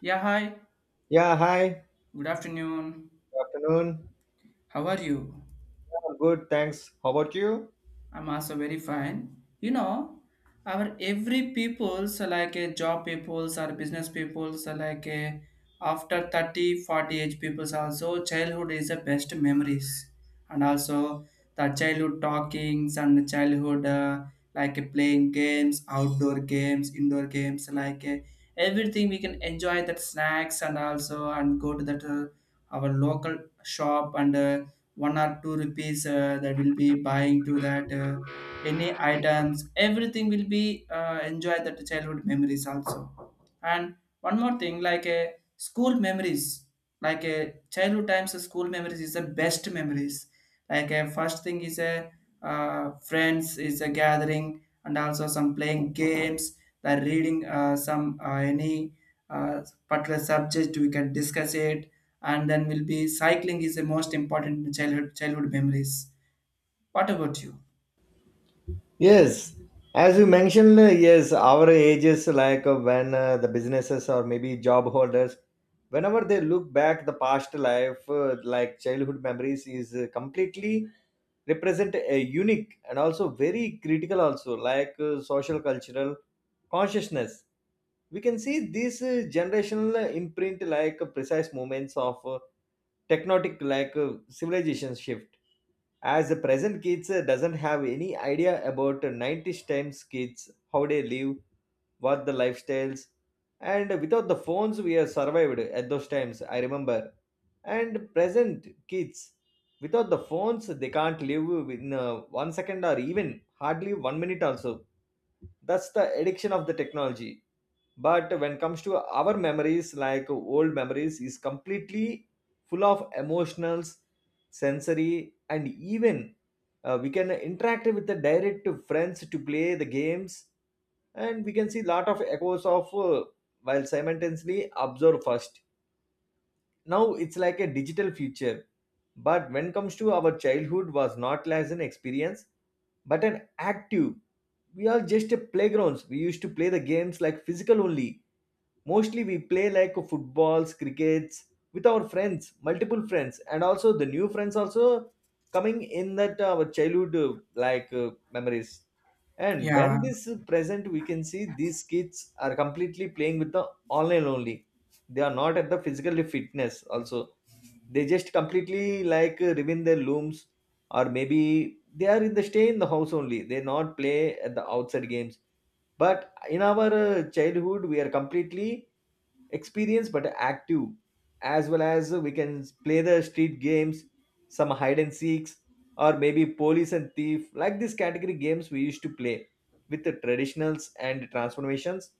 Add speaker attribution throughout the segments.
Speaker 1: Yeah, hi.
Speaker 2: Yeah, hi.
Speaker 1: Good afternoon.
Speaker 2: Good afternoon.
Speaker 1: How are you?
Speaker 2: I'm good, thanks. How about you?
Speaker 1: I'm also very fine. You know, our every peoples like a job peoples or business peoples like a after 30, 40 age peoples, also childhood is the best memories. And also the childhood talkings and the childhood, like playing games, outdoor games, indoor games like everything we can enjoy that snacks, and also and go to that our local shop, and 1 or 2 rupees, that will be buying to that any items, everything will be enjoy that childhood memories also. And one more thing, like a school memories, like a childhood times, school memories is the best memories. Like a first thing is a, friends is a gathering and also some playing games, the reading, some, any, uh, particular subject we can discuss it. And then will be cycling is the most important childhood memories. What about you?
Speaker 2: Yes, as you mentioned, yes, our ages, like when the businesses or maybe job holders, whenever they look back the past life, like childhood memories is completely represent a unique and also very critical also, like social cultural consciousness. We can see this generational imprint, like precise moments of tectonic like civilization shift, as the present kids doesn't have any idea about 90s times kids how they live, what the lifestyles. And without the phones we have survived at those times, I remember. And present kids without the phones they can't live in one second or even hardly one minute also. That's the addiction of the technology. But when it comes to our memories, like old memories is completely full of emotionals, sensory, and even we can interact with the direct friends to play the games. And we can see lot of echoes of while simultaneously observe first. Now it's like a digital future, but when comes to our childhood was not as an experience but an active. We are just a playgrounds, we used to play the games like physical only. Mostly we play like footballs, crickets, with our friends, multiple friends and also the new friends also coming in that our childhood like memories. And when
Speaker 1: Yeah,
Speaker 2: this is present we can see these kids are completely playing with the online only. They are not at the physical fitness also. They just completely like live in their looms, or maybe they are in the stay in the house only, they not play at the outside games. But in our childhood we are completely experienced but active, as well as we can play the street games, some hide and seeks or maybe police and thief, like these category games we used to play with the traditionals and transformations.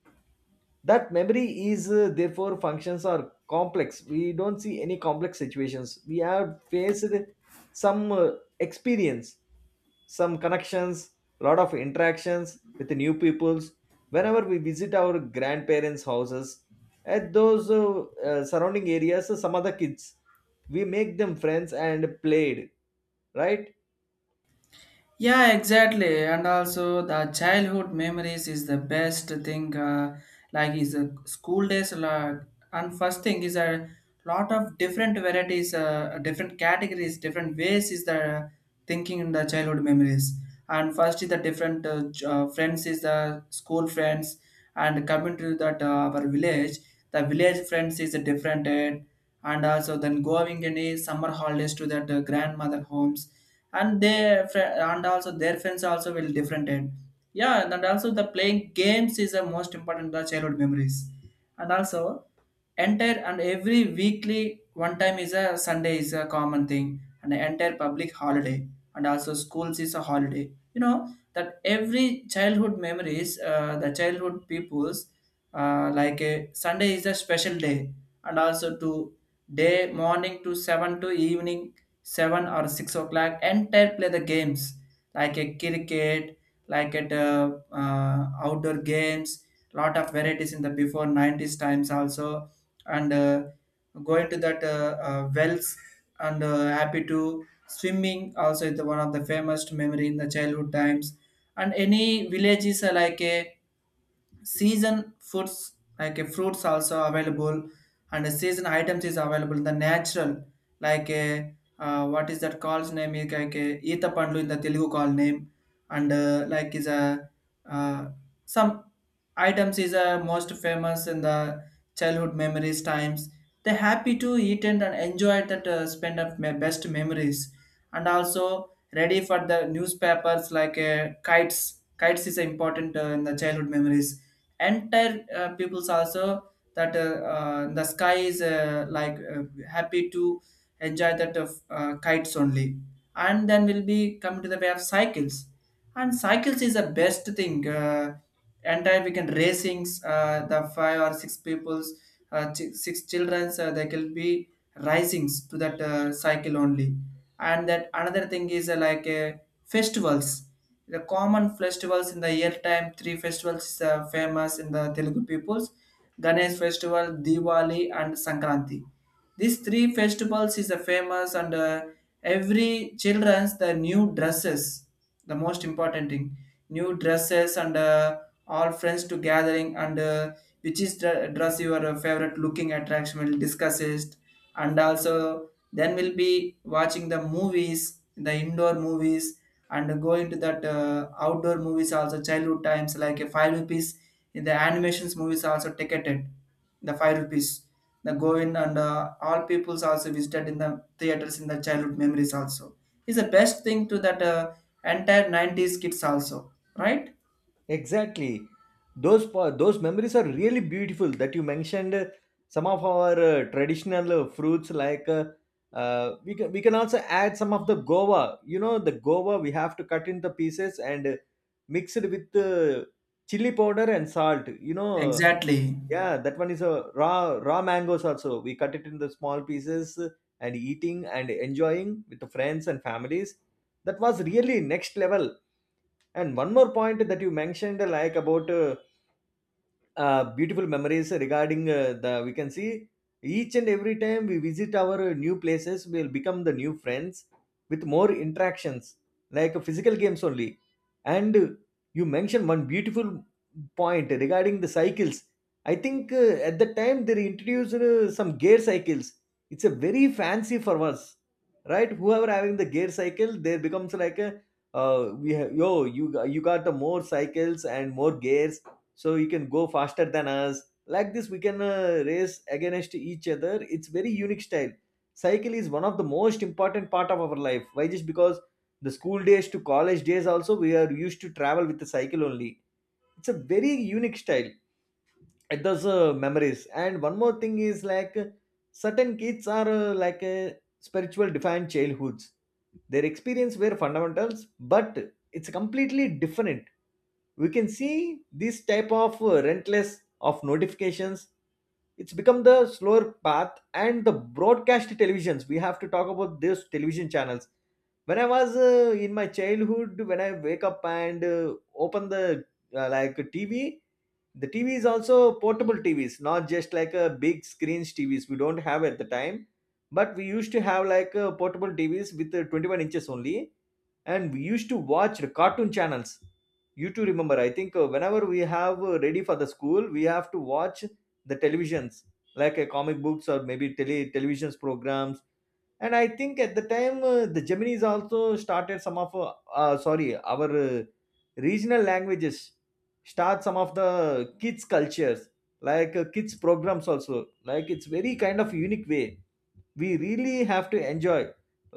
Speaker 2: That memory is therefore functions are complex, we don't see any complex situations we have faced. Some experience, some connections, lot of interactions with the new peoples whenever we visit our grandparents houses. At those surrounding areas some other kids we make them friends and played, right?
Speaker 1: yeah, exactly. And also the childhood memories is the best thing, like is the school days like, and first thing is a lot of different varieties, different categories, different ways is the thinking in the childhood memories. And first is the different friends is the school friends, and coming to that our village. The village friends is a different, and also then going any summer holidays to that grandmother homes, and their and also their friends also will different end. Yeah, and also the playing games is the most important, the childhood memories. And also entire and every weekly one time is a Sunday is a common thing, and the entire public holiday, and also schools is a holiday, that every childhood memories, the childhood peoples, like a Sunday is a special day. And also to day morning to 7 to evening 7 or 6 o'clock entire play the games, like a cricket, like at outdoor games, lot of varieties in the before 90s times also. And going to that wells, and happy to swimming also is the one of the famous memory in the childhood times. And any villages are like a season foods, like a fruits also available, and a season items is available the natural, like a what is that called name is like a eeta pandu in the Telugu call name. And like is a, uh, some items is, most famous in the childhood memories times. They happy to eat and enjoy that, spend of my best memories. And also ready for the newspapers, like kites. Kites is important, in the childhood memories, entire peoples also, that the sky is, like happy to enjoy that of kites only. And then we'll be coming to the way of cycles, and cycles is the best thing, entire weekend racings, the five or six people's, six childrens, they can be risings to that cycle only. And that another thing is, like festivals. The common festivals in the year time, three festivals is famous in the Telugu peoples: Ganesh festival, Diwali, and Sankranti. These three festivals is famous, and every children's the new dresses, the most important thing, new dresses, and all friends to gathering, and which is the dress your favorite looking attraction will discuss it. And also then we'll be watching the movies, the indoor movies, and going to that outdoor movies also. Childhood times like a 5 rupees in the animations movies also ticketed, the 5 rupees. The going and all peoples also visited in the theaters in the childhood memories also. Is the best thing to that entire 90s kids also, right?
Speaker 2: Exactly. Those memories are really beautiful that you mentioned, some of our traditional fruits like we can also add some of the Goa. You know, the Goa we have to cut in the pieces and mix it with chili powder and salt.
Speaker 1: Exactly.
Speaker 2: Yeah, that one is a raw mangoes, also we cut it in the small pieces and eating and enjoying with the friends and families. That was really next level. And one more point that you mentioned, like about beautiful memories regarding the we can see each and every time we visit our new places we'll become the new friends with more interactions, like physical games only. And you mentioned one beautiful point regarding the cycles. I think at the time they introduced some gear cycles. It's a very fancy for us, right? Whoever having the gear cycle there becomes like a we have yo you you got the more cycles and more gears, so you can go faster than us. Like this we can race against each other, it's very unique style. Cycle is one of the most important part of our life. Why? Just because the school days to college days also we are used to travel with the cycle only. It's a very unique style. It does memories. And one more thing is like certain kids are like spiritual defined childhoods, their experience were fundamentals, but it's completely different. We can see this type of rentless of notifications, it's become the slower path. And the broadcast televisions, we have to talk about these television channels. When I was in my childhood, when I wake up and open the like TV, the TV is also portable TVs, not just like a big screens TVs we don't have at the time. But we used to have like portable TVs with 21 inches only, and we used to watch the cartoon channels. You too remember, I think whenever we have ready for the school we have to watch the televisions, like comic books or maybe televisions programs. And I think at the time the Gemini's also started some of sorry, our regional languages, start some of the kids cultures, like kids programs also, like it's very kind of unique way, we really have to enjoy.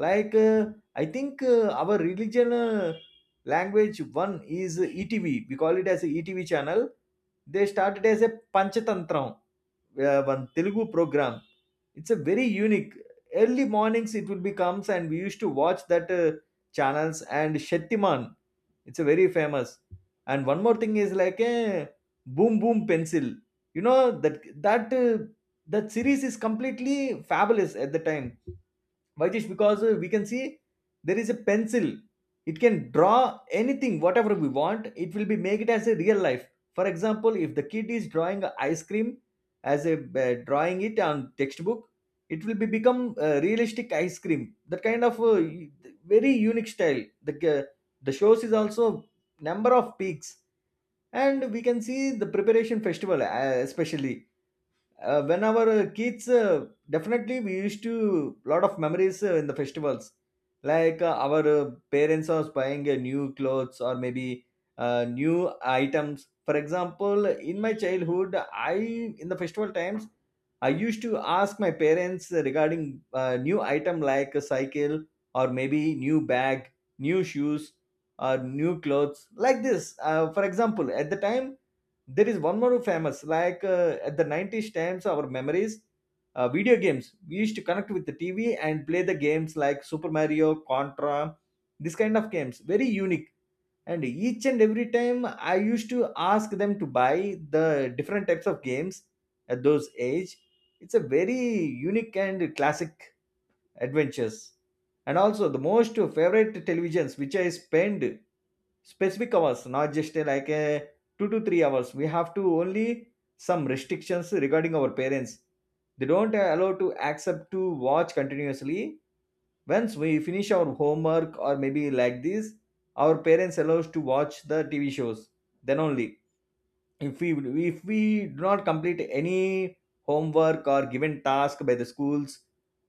Speaker 2: Like I think our religion language one is ETV, we call it as a ETV channel. They started as a Panchatantram, one Telugu program. It's a very unique, early mornings it will be comes and we used to watch that channels and Shettiman, it's a very famous. And one more thing is like a Boom Boom Pencil. You know that uh, that series is completely fabulous at the time, Vajish, because we can see there is a pencil. It can draw anything, whatever we want. It will be make it as a real life. For example, if the kid is drawing a ice cream as a drawing it on textbook, it will be become realistic ice cream. That kind of very unique style. The shows is also number of peaks, and we can see the preparation festival, especially when our kids definitely we used to lot of memories in the festivals, like our parents was buying new clothes or maybe new items. For example, in my childhood I in the festival times I used to ask my parents regarding new item like a cycle or maybe new bag, new shoes or new clothes, like this. For example, at the time there is one more famous, like at the 90s times, our memories, video games. We used to connect with the TV and play the games like Super Mario, Contra, this kind of games. Very unique. And each and every time, I used to ask them to buy the different types of games at those age. It's a very unique and classic adventures. And also the most favorite televisions which I spend specific hours, not just like a 2 to 3 hours, we have to only some restrictions regarding our parents. They don't allow to accept to watch continuously. Once we finish our homework or maybe like this, our parents allows to watch the TV shows. Then only, if we if we do not complete any homework or given task by the schools,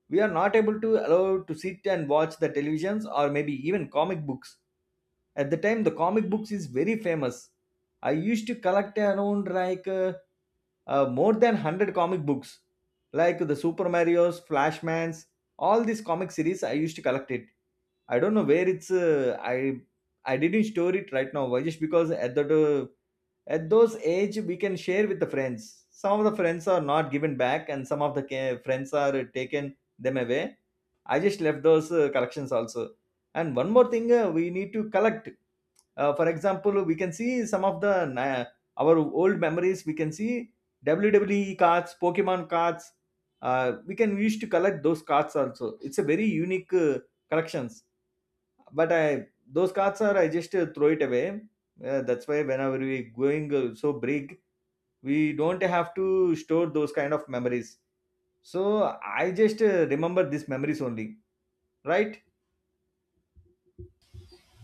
Speaker 2: we are not able to allow to sit and watch the televisions or maybe even comic books. At the time the comic books is very famous. I used to collect around like more than 100 comic books, like the Super Marios, Flashmans, all these comic series I used to collect it. I don't know where it's, I didn't store it right now. Why just because at those age we can share with the friends, some of the friends are not given back, and some of the friends are taken them away. I just left those collections also. And one more thing, we need to collect, for example we can see some of our old memories, we can see WWE cards, Pokemon cards, we can use to collect those cards also, it's a very unique collections. But I those cards are I just throw it away. That's why whenever we going so big we don't have to store those kind of memories. So I just remember these memories only, right?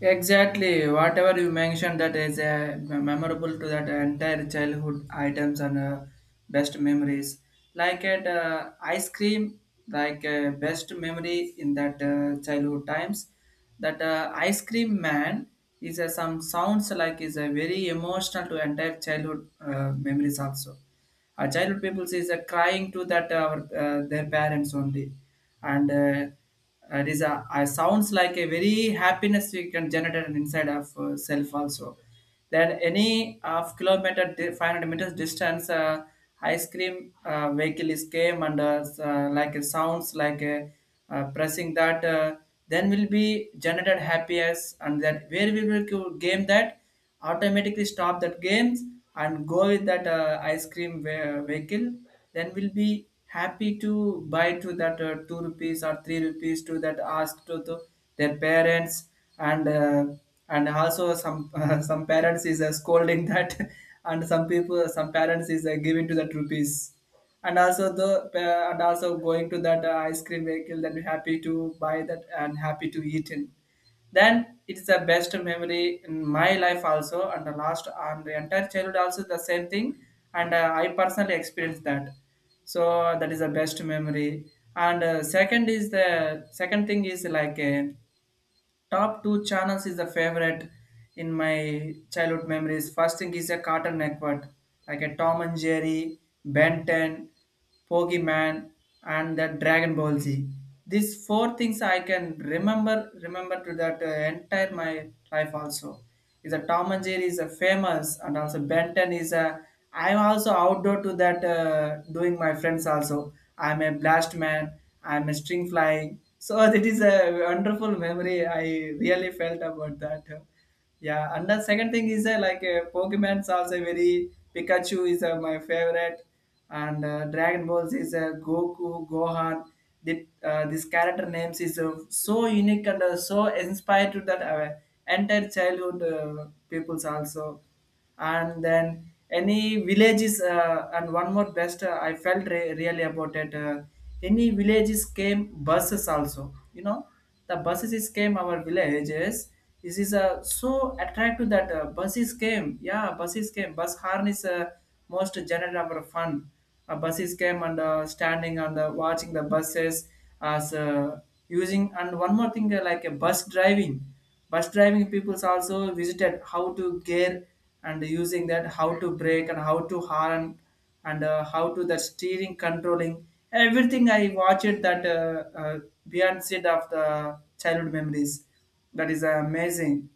Speaker 1: Exactly. Whatever you mentioned, that is memorable to that entire childhood items and best memories. Like at ice cream, like best memory in that childhood times. That ice cream man is, some sounds like is very emotional to entire childhood memories also, childhood people is crying to that our their parents only. And it is a sounds like a very happiness we can generate inside of self also. Then any half kilometer 500 meters distance, ice cream vehicle is came, and like a sounds like a, pressing that, then will be generated happiness, and that where we will go game that automatically stop that games and go with that ice cream vehicle. Then we'll be happy to buy to that 2 rupees or 3 rupees to that ask to their parents. And uh, and also some some parents is scolding that and some people some parents is giving to that rupees. And also the, and also going to that ice cream vehicle, then we happy to buy that and happy to eat in. Then it's the best memory in my life also, and the last and the entire childhood also the same thing. And I personally experienced that. So that is the best memory, and second is the second thing is like, top two channels is the favorite in my childhood memories. First thing is a Cartoon Network, like a Tom and Jerry, Ben 10, Pokemon, and the Dragon Ball Z. These four things I can remember to that entire my life also. Is a Tom and Jerry is a famous, and also Benton is a, I'm also outdoor to that doing my friends also. I'm a blast man. I'm a string flying. So that is a wonderful memory. I really felt about that. Yeah, and the second thing is, like Pokemon's also very, Pikachu is my favorite, and Dragon Balls is Goku, Gohan. The, this character names is so unique, and so inspired to that entire childhood peoples also. And then any villages and one more best I felt really about it, any villages came buses also, you know the buses is came our villages, this is so attractive that buses came, yeah, buses came. Bus horn is most general our fun, buses came, and standing, and watching the buses as using. And one more thing, like a bus driving. Bus driving peoples also visited how to gear, and using that how to brake, and how to horn, and how to the steering controlling everything. I watched that beyond seed of the childhood memories. That is amazing.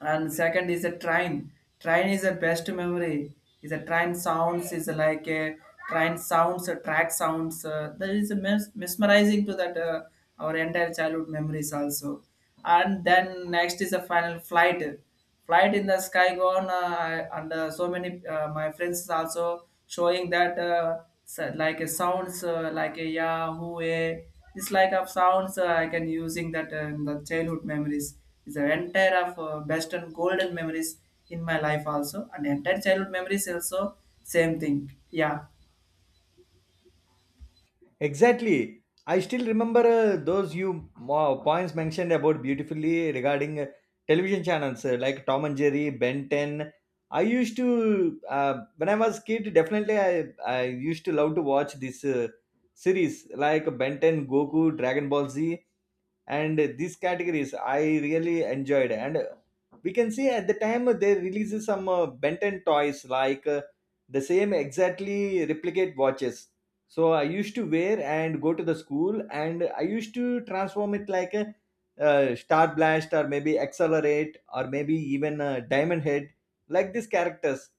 Speaker 1: And second is a train. Train is the best memory. Is a train sounds is like a train sounds a track sounds, that is a mesmerizing to that our entire childhood memories also. And then next is a final flight. Flight in the sky gone, and so many my friends is also showing that like a sounds, like a yahoo eh. This like of sounds, I can using that in the childhood memories is the entire of best and golden memories in my life also, and entire childhood memories also, same thing, yeah.
Speaker 2: Exactly. I still remember those you points mentioned about beautifully regarding television channels, like Tom and Jerry, Ben 10. I used to, when I was kid, definitely I used to love to watch this series like Ben 10, Goku, Dragon Ball Z, and these categories I really enjoyed. And we can see at the time they released some Benton toys like the same exactly replicate watches, so I used to wear and go to the school, and I used to transform it like a star blast or maybe accelerate or maybe even diamond head, like these characters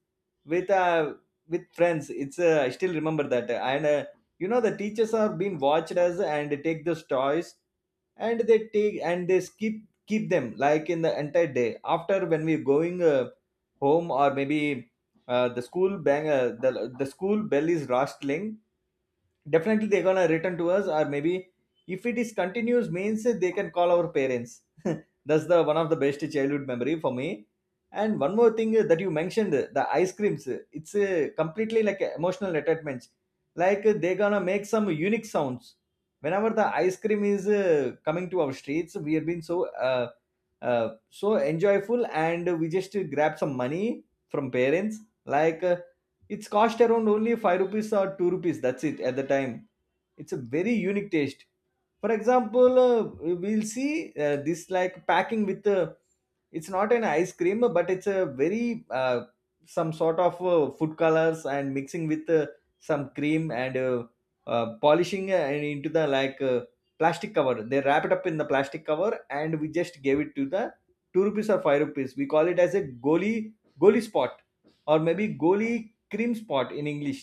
Speaker 2: with with friends. It's, I still remember that. And you know the teachers are being watched as and take those toys, and they take and they skip keep them like in the entire day. After when we're going home or maybe the School bang, the school bell is rustling, definitely they're gonna return to us, or maybe if it is continuous means they can call our parents. That's the one of the best childhood memory for me. And one more thing that you mentioned, the ice creams, it's completely like emotional attachments. Like they're gonna make some unique sounds whenever the ice cream is coming to our streets. We have been so so enjoyful, and we just grab some money from parents. like uh, it's cost around only 5 rupees or 2 rupees, that's it, at the time. It's a very unique taste. For example, we'll see this like packing with it's not an ice cream, but it's a very some sort of food colors and mixing with some cream and polishing and into the plastic cover. They wrap it up in the plastic cover, and we just gave it to the 2 rupees or 5 rupees. We call it as a goli spot, or maybe goli cream spot in English.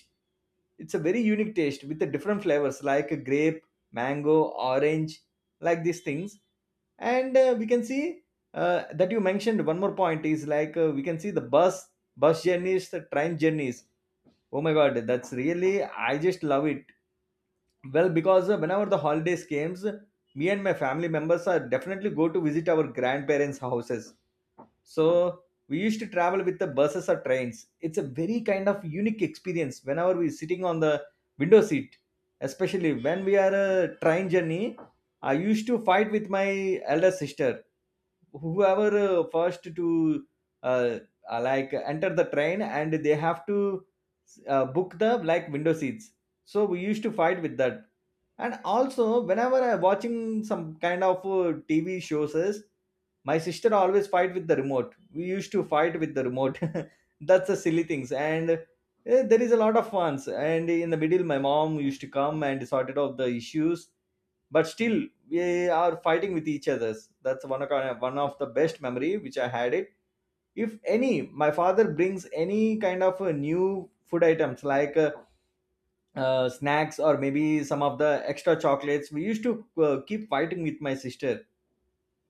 Speaker 2: It's a very unique taste with the different flavors like a grape, mango, orange, like these things. And we can see that you mentioned one more point is we can see the bus journeys, the train journeys. Oh my god, that's really, I just love it. Well, because whenever the holidays comes, me and my family members are definitely go to visit our grandparents houses. So we used to travel with the buses or trains. It's a very kind of unique experience whenever we're sitting on the window seat, especially when we are a train journey. I used to fight with my elder sister, whoever first to uh, like enter the train, and they have to book the like window seats. So we used to fight with that. And also, whenever I watching some kind of TV shows, is my sister always fight with the remote. We used to fight with the remote. That's the silly things. And eh, there is a lot of funs. And in the middle, my mom used to come and sorted out the issues. But still, we are fighting with each others. That's one of the best memory which I had it. If any, my father brings any kind of new food items like. Snacks or maybe some of the extra chocolates, we used to keep fighting with my sister.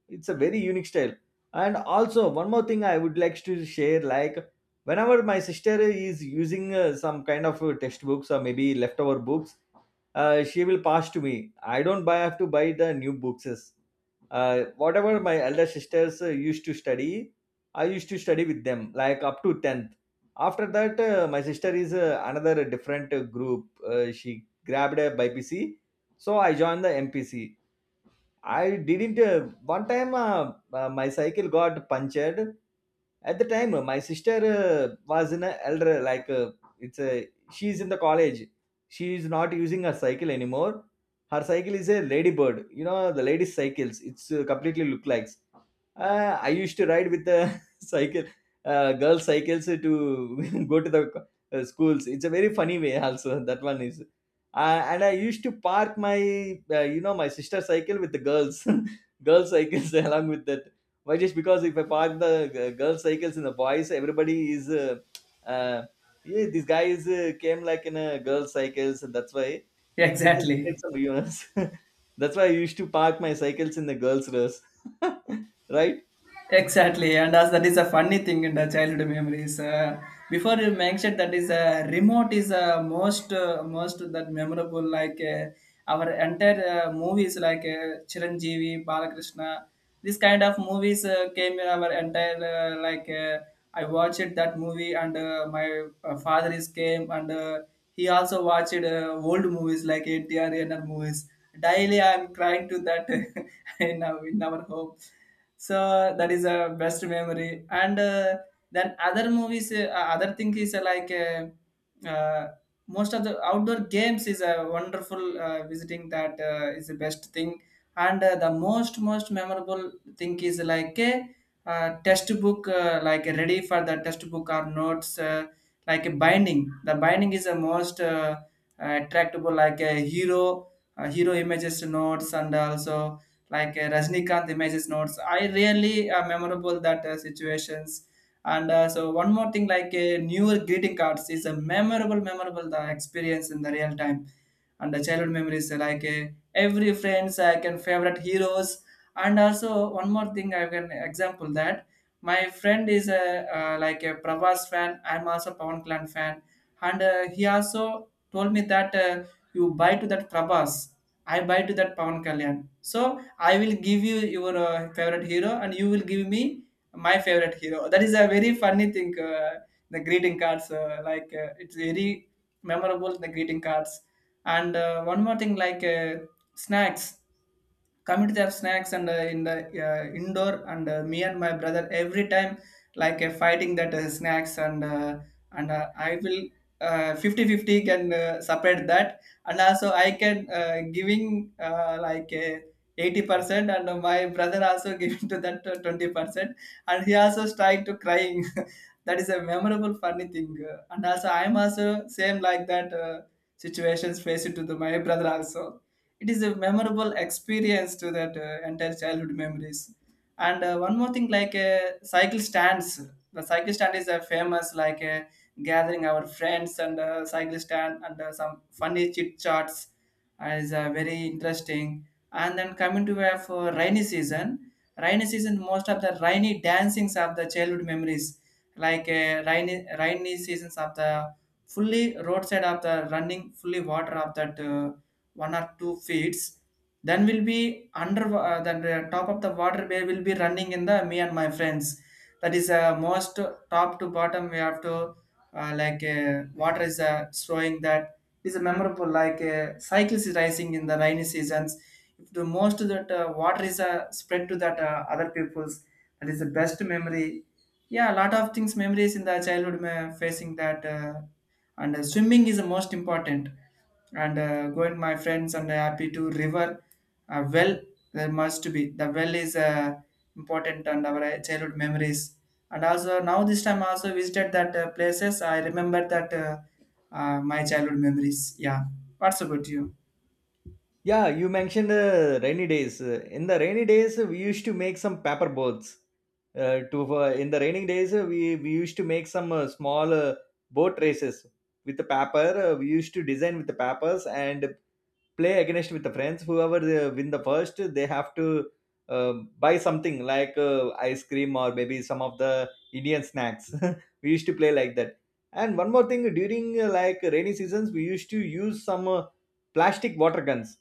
Speaker 2: It's a very unique style. And also one more thing I would like to share, like whenever my sister is using some kind of textbooks or maybe leftover books, she will pass to me. I don't buy have to buy the new books. Whatever my elder sisters used to study, I used to study with them like up to 10th. After that, my sister is, another different group. She grabbed a BPC, so I joined the mpc. I didn't. One time, my cycle got punctured. At the time, my sister was in a elder it's a she's in the college. She is not using her cycle anymore. Her cycle is a ladybird. You know the ladies' cycles. It's completely look like. I used to ride with the cycle, girls' cycles to go to the schools. It's a very funny way, also. That one is. And I used to park my, you know, my sister's cycle with the girls, girls' cycles along with that. Why? Just because if I park the girls' cycles and the boys, everybody is, uh, yeah, these guys came like in a girls' cycles, and that's why they spread
Speaker 1: Exactly.
Speaker 2: some rumors. That's why I used to park my cycles in the girls' race. Right?
Speaker 1: Exactly, and as that is a funny thing in the childhood memories. Before you mentioned that is a remote is a most that memorable, like our entire movies like Chiranjeevi, Balakrishna, this kind of movies came in our entire, like I watched that movie, and my father is came, and he also watched old movies like NTR, NR movies. Daily I am crying to that in our home. So that is a best memory, and then other movies, other thing is like uh, most of the outdoor games is a wonderful visiting that, is the best thing. And the most memorable thing is like a, test book, like ready for the test book or notes, like a binding. The binding is the most, attractable like a hero, hero images notes, and also like Rajnikanth images notes. I really memorable that situations. And so one more thing, like newer greeting cards is a memorable the experience in the real time. And the childhood memories, like every friends I can favorite heroes. And also one more thing, I can example that my friend is a, like a Pravas fan. I'm also Pawan Clan fan, and he also told me that you buy to that Prabhas, I buy to that Pawan Kalyan. So I will give you your favorite hero, and you will give me my favorite hero. That is a very funny thing. The greeting cards, it's very memorable. The greeting cards, and one more thing, snacks coming to their snacks and in the indoor and me and my brother every time fighting that snacks and I will 50 fifty can separate that, and also I can giving uh, like uh, 80% and my brother also giving to that 20%, and he also started to crying. That is a memorable funny thing, and also I'm also same like that, situations faced to the, my brother also. It is a memorable experience to that entire childhood memories. And one more thing, cycle stands. The cycle stand is a famous gathering our friends, and cycle stand and some funny chit chats is very interesting. And then coming to for rainy season. Rainy season, most of the rainy dancings of the childhood memories, like rainy seasons of the fully roadside of the running fully water of that 1 or 2 feet, then will be under then the top of the water bay will be running in the me and my friends. That is most top to bottom we have to water is showing that is a memorable, cycles is rising in the rainy seasons. If the most of that water is spread to that other peoples, that is the best memory. Yeah, a lot of things, memories in the childhood facing that, and swimming is the most important. And going my friends and happy to river, well, there must be the well is important and our childhood memories. And also now this time also visited that places. I remember that my childhood memories. Yeah, what's about you?
Speaker 2: Yeah, you mentioned rainy days. In the rainy days, we used to make some paper boats. To in the rainy days, we used to make some small boat races with the paper. We used to design with the papers and play against with the friends. Whoever they win the first, they have to uh, buy something like ice cream or maybe some of the Indian snacks. We used to play like that. And one more thing, during like rainy seasons, we used to use some plastic water guns.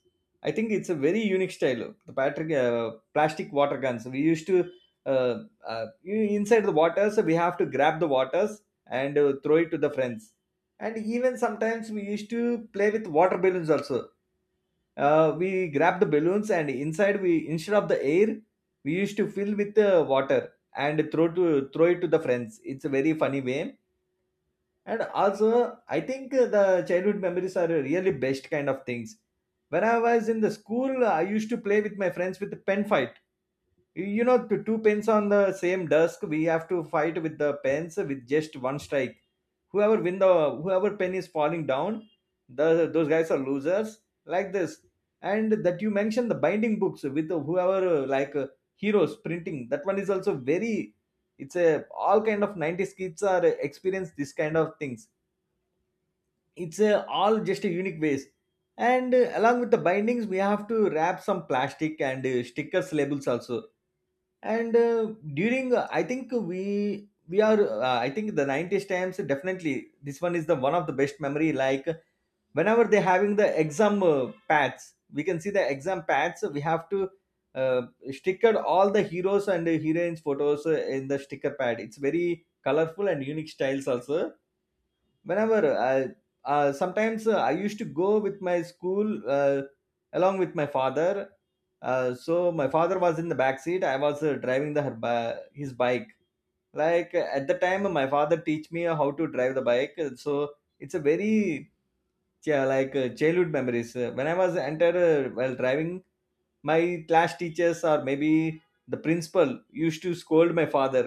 Speaker 2: I think it's a very unique style, the patrick, plastic water guns we used to uh, uh, inside the waters, we have to grab the waters and throw it to the friends. And even sometimes we used to play with water balloons also. We grabbed the balloons, and inside we instead of the air, we used to fill with water and throw it to the friends. It's a very funny way. And also, I think the childhood memories are really best kind of things. When I was in the school, I used to play with my friends with the pen fight. You know, to two pens on the same desk, we have to fight with the pens with just one strike. Whoever win the, whoever pen is falling down, the those guys are losers, like this. And that you mentioned the binding books with whoever heroes printing, that one is also very, it's a all kind of 90s kids are experience this kind of things. It's a, all just a unique ways. And along with the bindings, we have to wrap some plastic and stickers labels also. And during I think we are, I think the 90s times, definitely this one is the one of the best memory, like whenever they're having the exam pads. We can see the exam pads. We have to uh, sticker all the heroes and heroines photos in the sticker pad. It's very colorful and unique styles also. Whenever I sometimes I used to go with my school uh, along with my father. So my father was in the back seat, I was driving the his bike. At the time, my father teach me how to drive the bike. So it's a very childhood memories. When I was entered while driving, my class teachers or maybe the principal used to scold my father.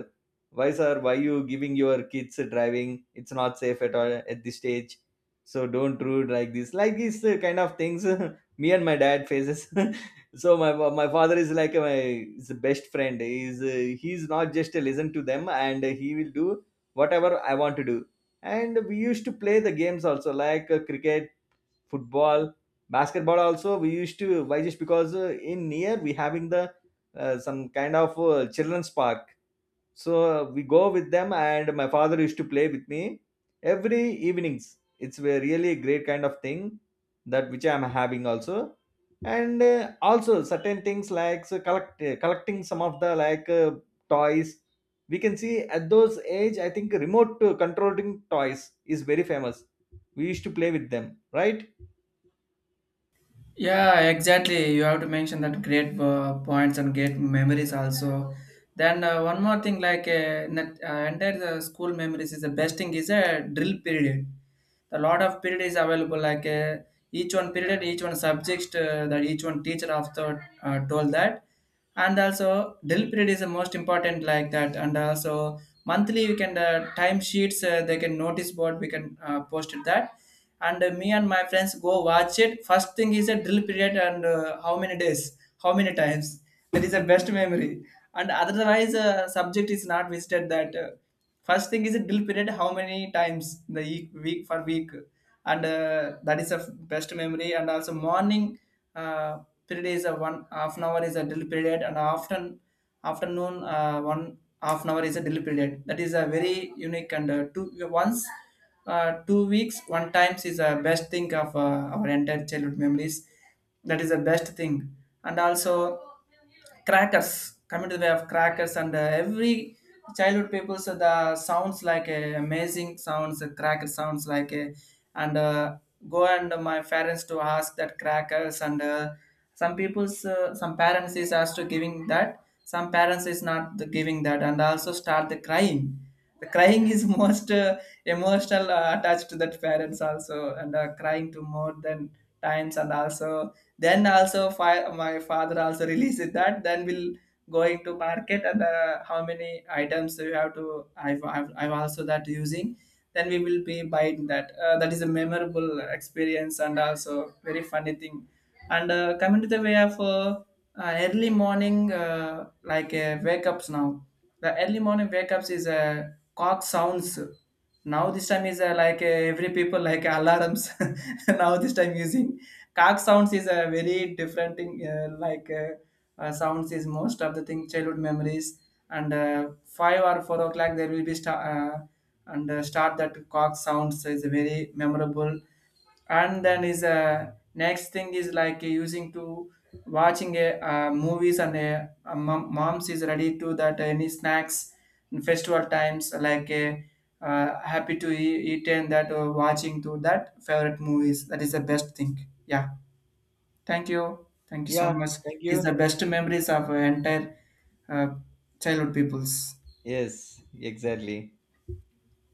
Speaker 2: Why sir, why you giving your kids driving? It's not safe at all at this stage. So don't rude like this, like these kind of things. Me and my dad faces. So my father is like my is the best friend. He's he's not just to listen to them, and he will do whatever I want to do. And we used to play the games also, like cricket, football, basketball also we used to. Why? Just because in near we having the some kind of children's park. So we go with them, and my father used to play with me every evenings. It's a really great kind of thing that which I'm having also. And also certain things like so collecting some of the toys. We can see at those age, I think remote controlling toys is very famous. We used to play with them, right?
Speaker 1: Yeah, exactly. You have to mention that great points and great memories also. Then one more thing, in that, entire the school memories is the best thing is a drill period. The lot of period is available each one period, each one subject, that each one teacher after told that. And also drill period is the most important like that. And also monthly we can time sheets, they can notice board we can post it that. And me and my friends go watch it first thing is a drill period and how many days, how many times. That is the best memory. And otherwise subject is not visited that first thing is a drill period, how many times in the week for week, and that is a best memory. And also morning uh, period is a one half an hour is a drill period, and after afternoon one half an hour is a drill period. That is a very unique, and two once 2 weeks one times is a best thing of our entire childhood memories. That is the best thing, and also crackers coming to the way of crackers, and every childhood people so the sounds like a amazing sounds, cracker sounds like a, and go and my parents to ask that crackers, and some people's, some parents is asked to giving that, some parents is not the giving that, and also start the crying. The crying is most emotional attached to that parents also, and crying to more than times. And also then also my father also releases that, then we'll going to market, and how many items you have to I've also that using, then we will be buying that that is a memorable experience and also very funny thing. And coming to the way of early morning, wake ups now. The early morning wake ups is cock sounds. Now this time is every people like alarms. Now this time using cock sounds is a very different thing, sounds is most of the thing childhood memories. And 5 or 4 o'clock there will be star, and start that cock sounds is very memorable. And then is next thing is like using to watching a movies and a moms is ready to that any snacks in festival times like a, happy to eat and that watching to that favorite movies. That is the best thing. Yeah, thank you, thank you so
Speaker 2: Yeah,
Speaker 1: much.
Speaker 2: thank
Speaker 1: It is the
Speaker 2: you.
Speaker 1: best memories of entire uh, childhood peoples.
Speaker 2: Yes, exactly.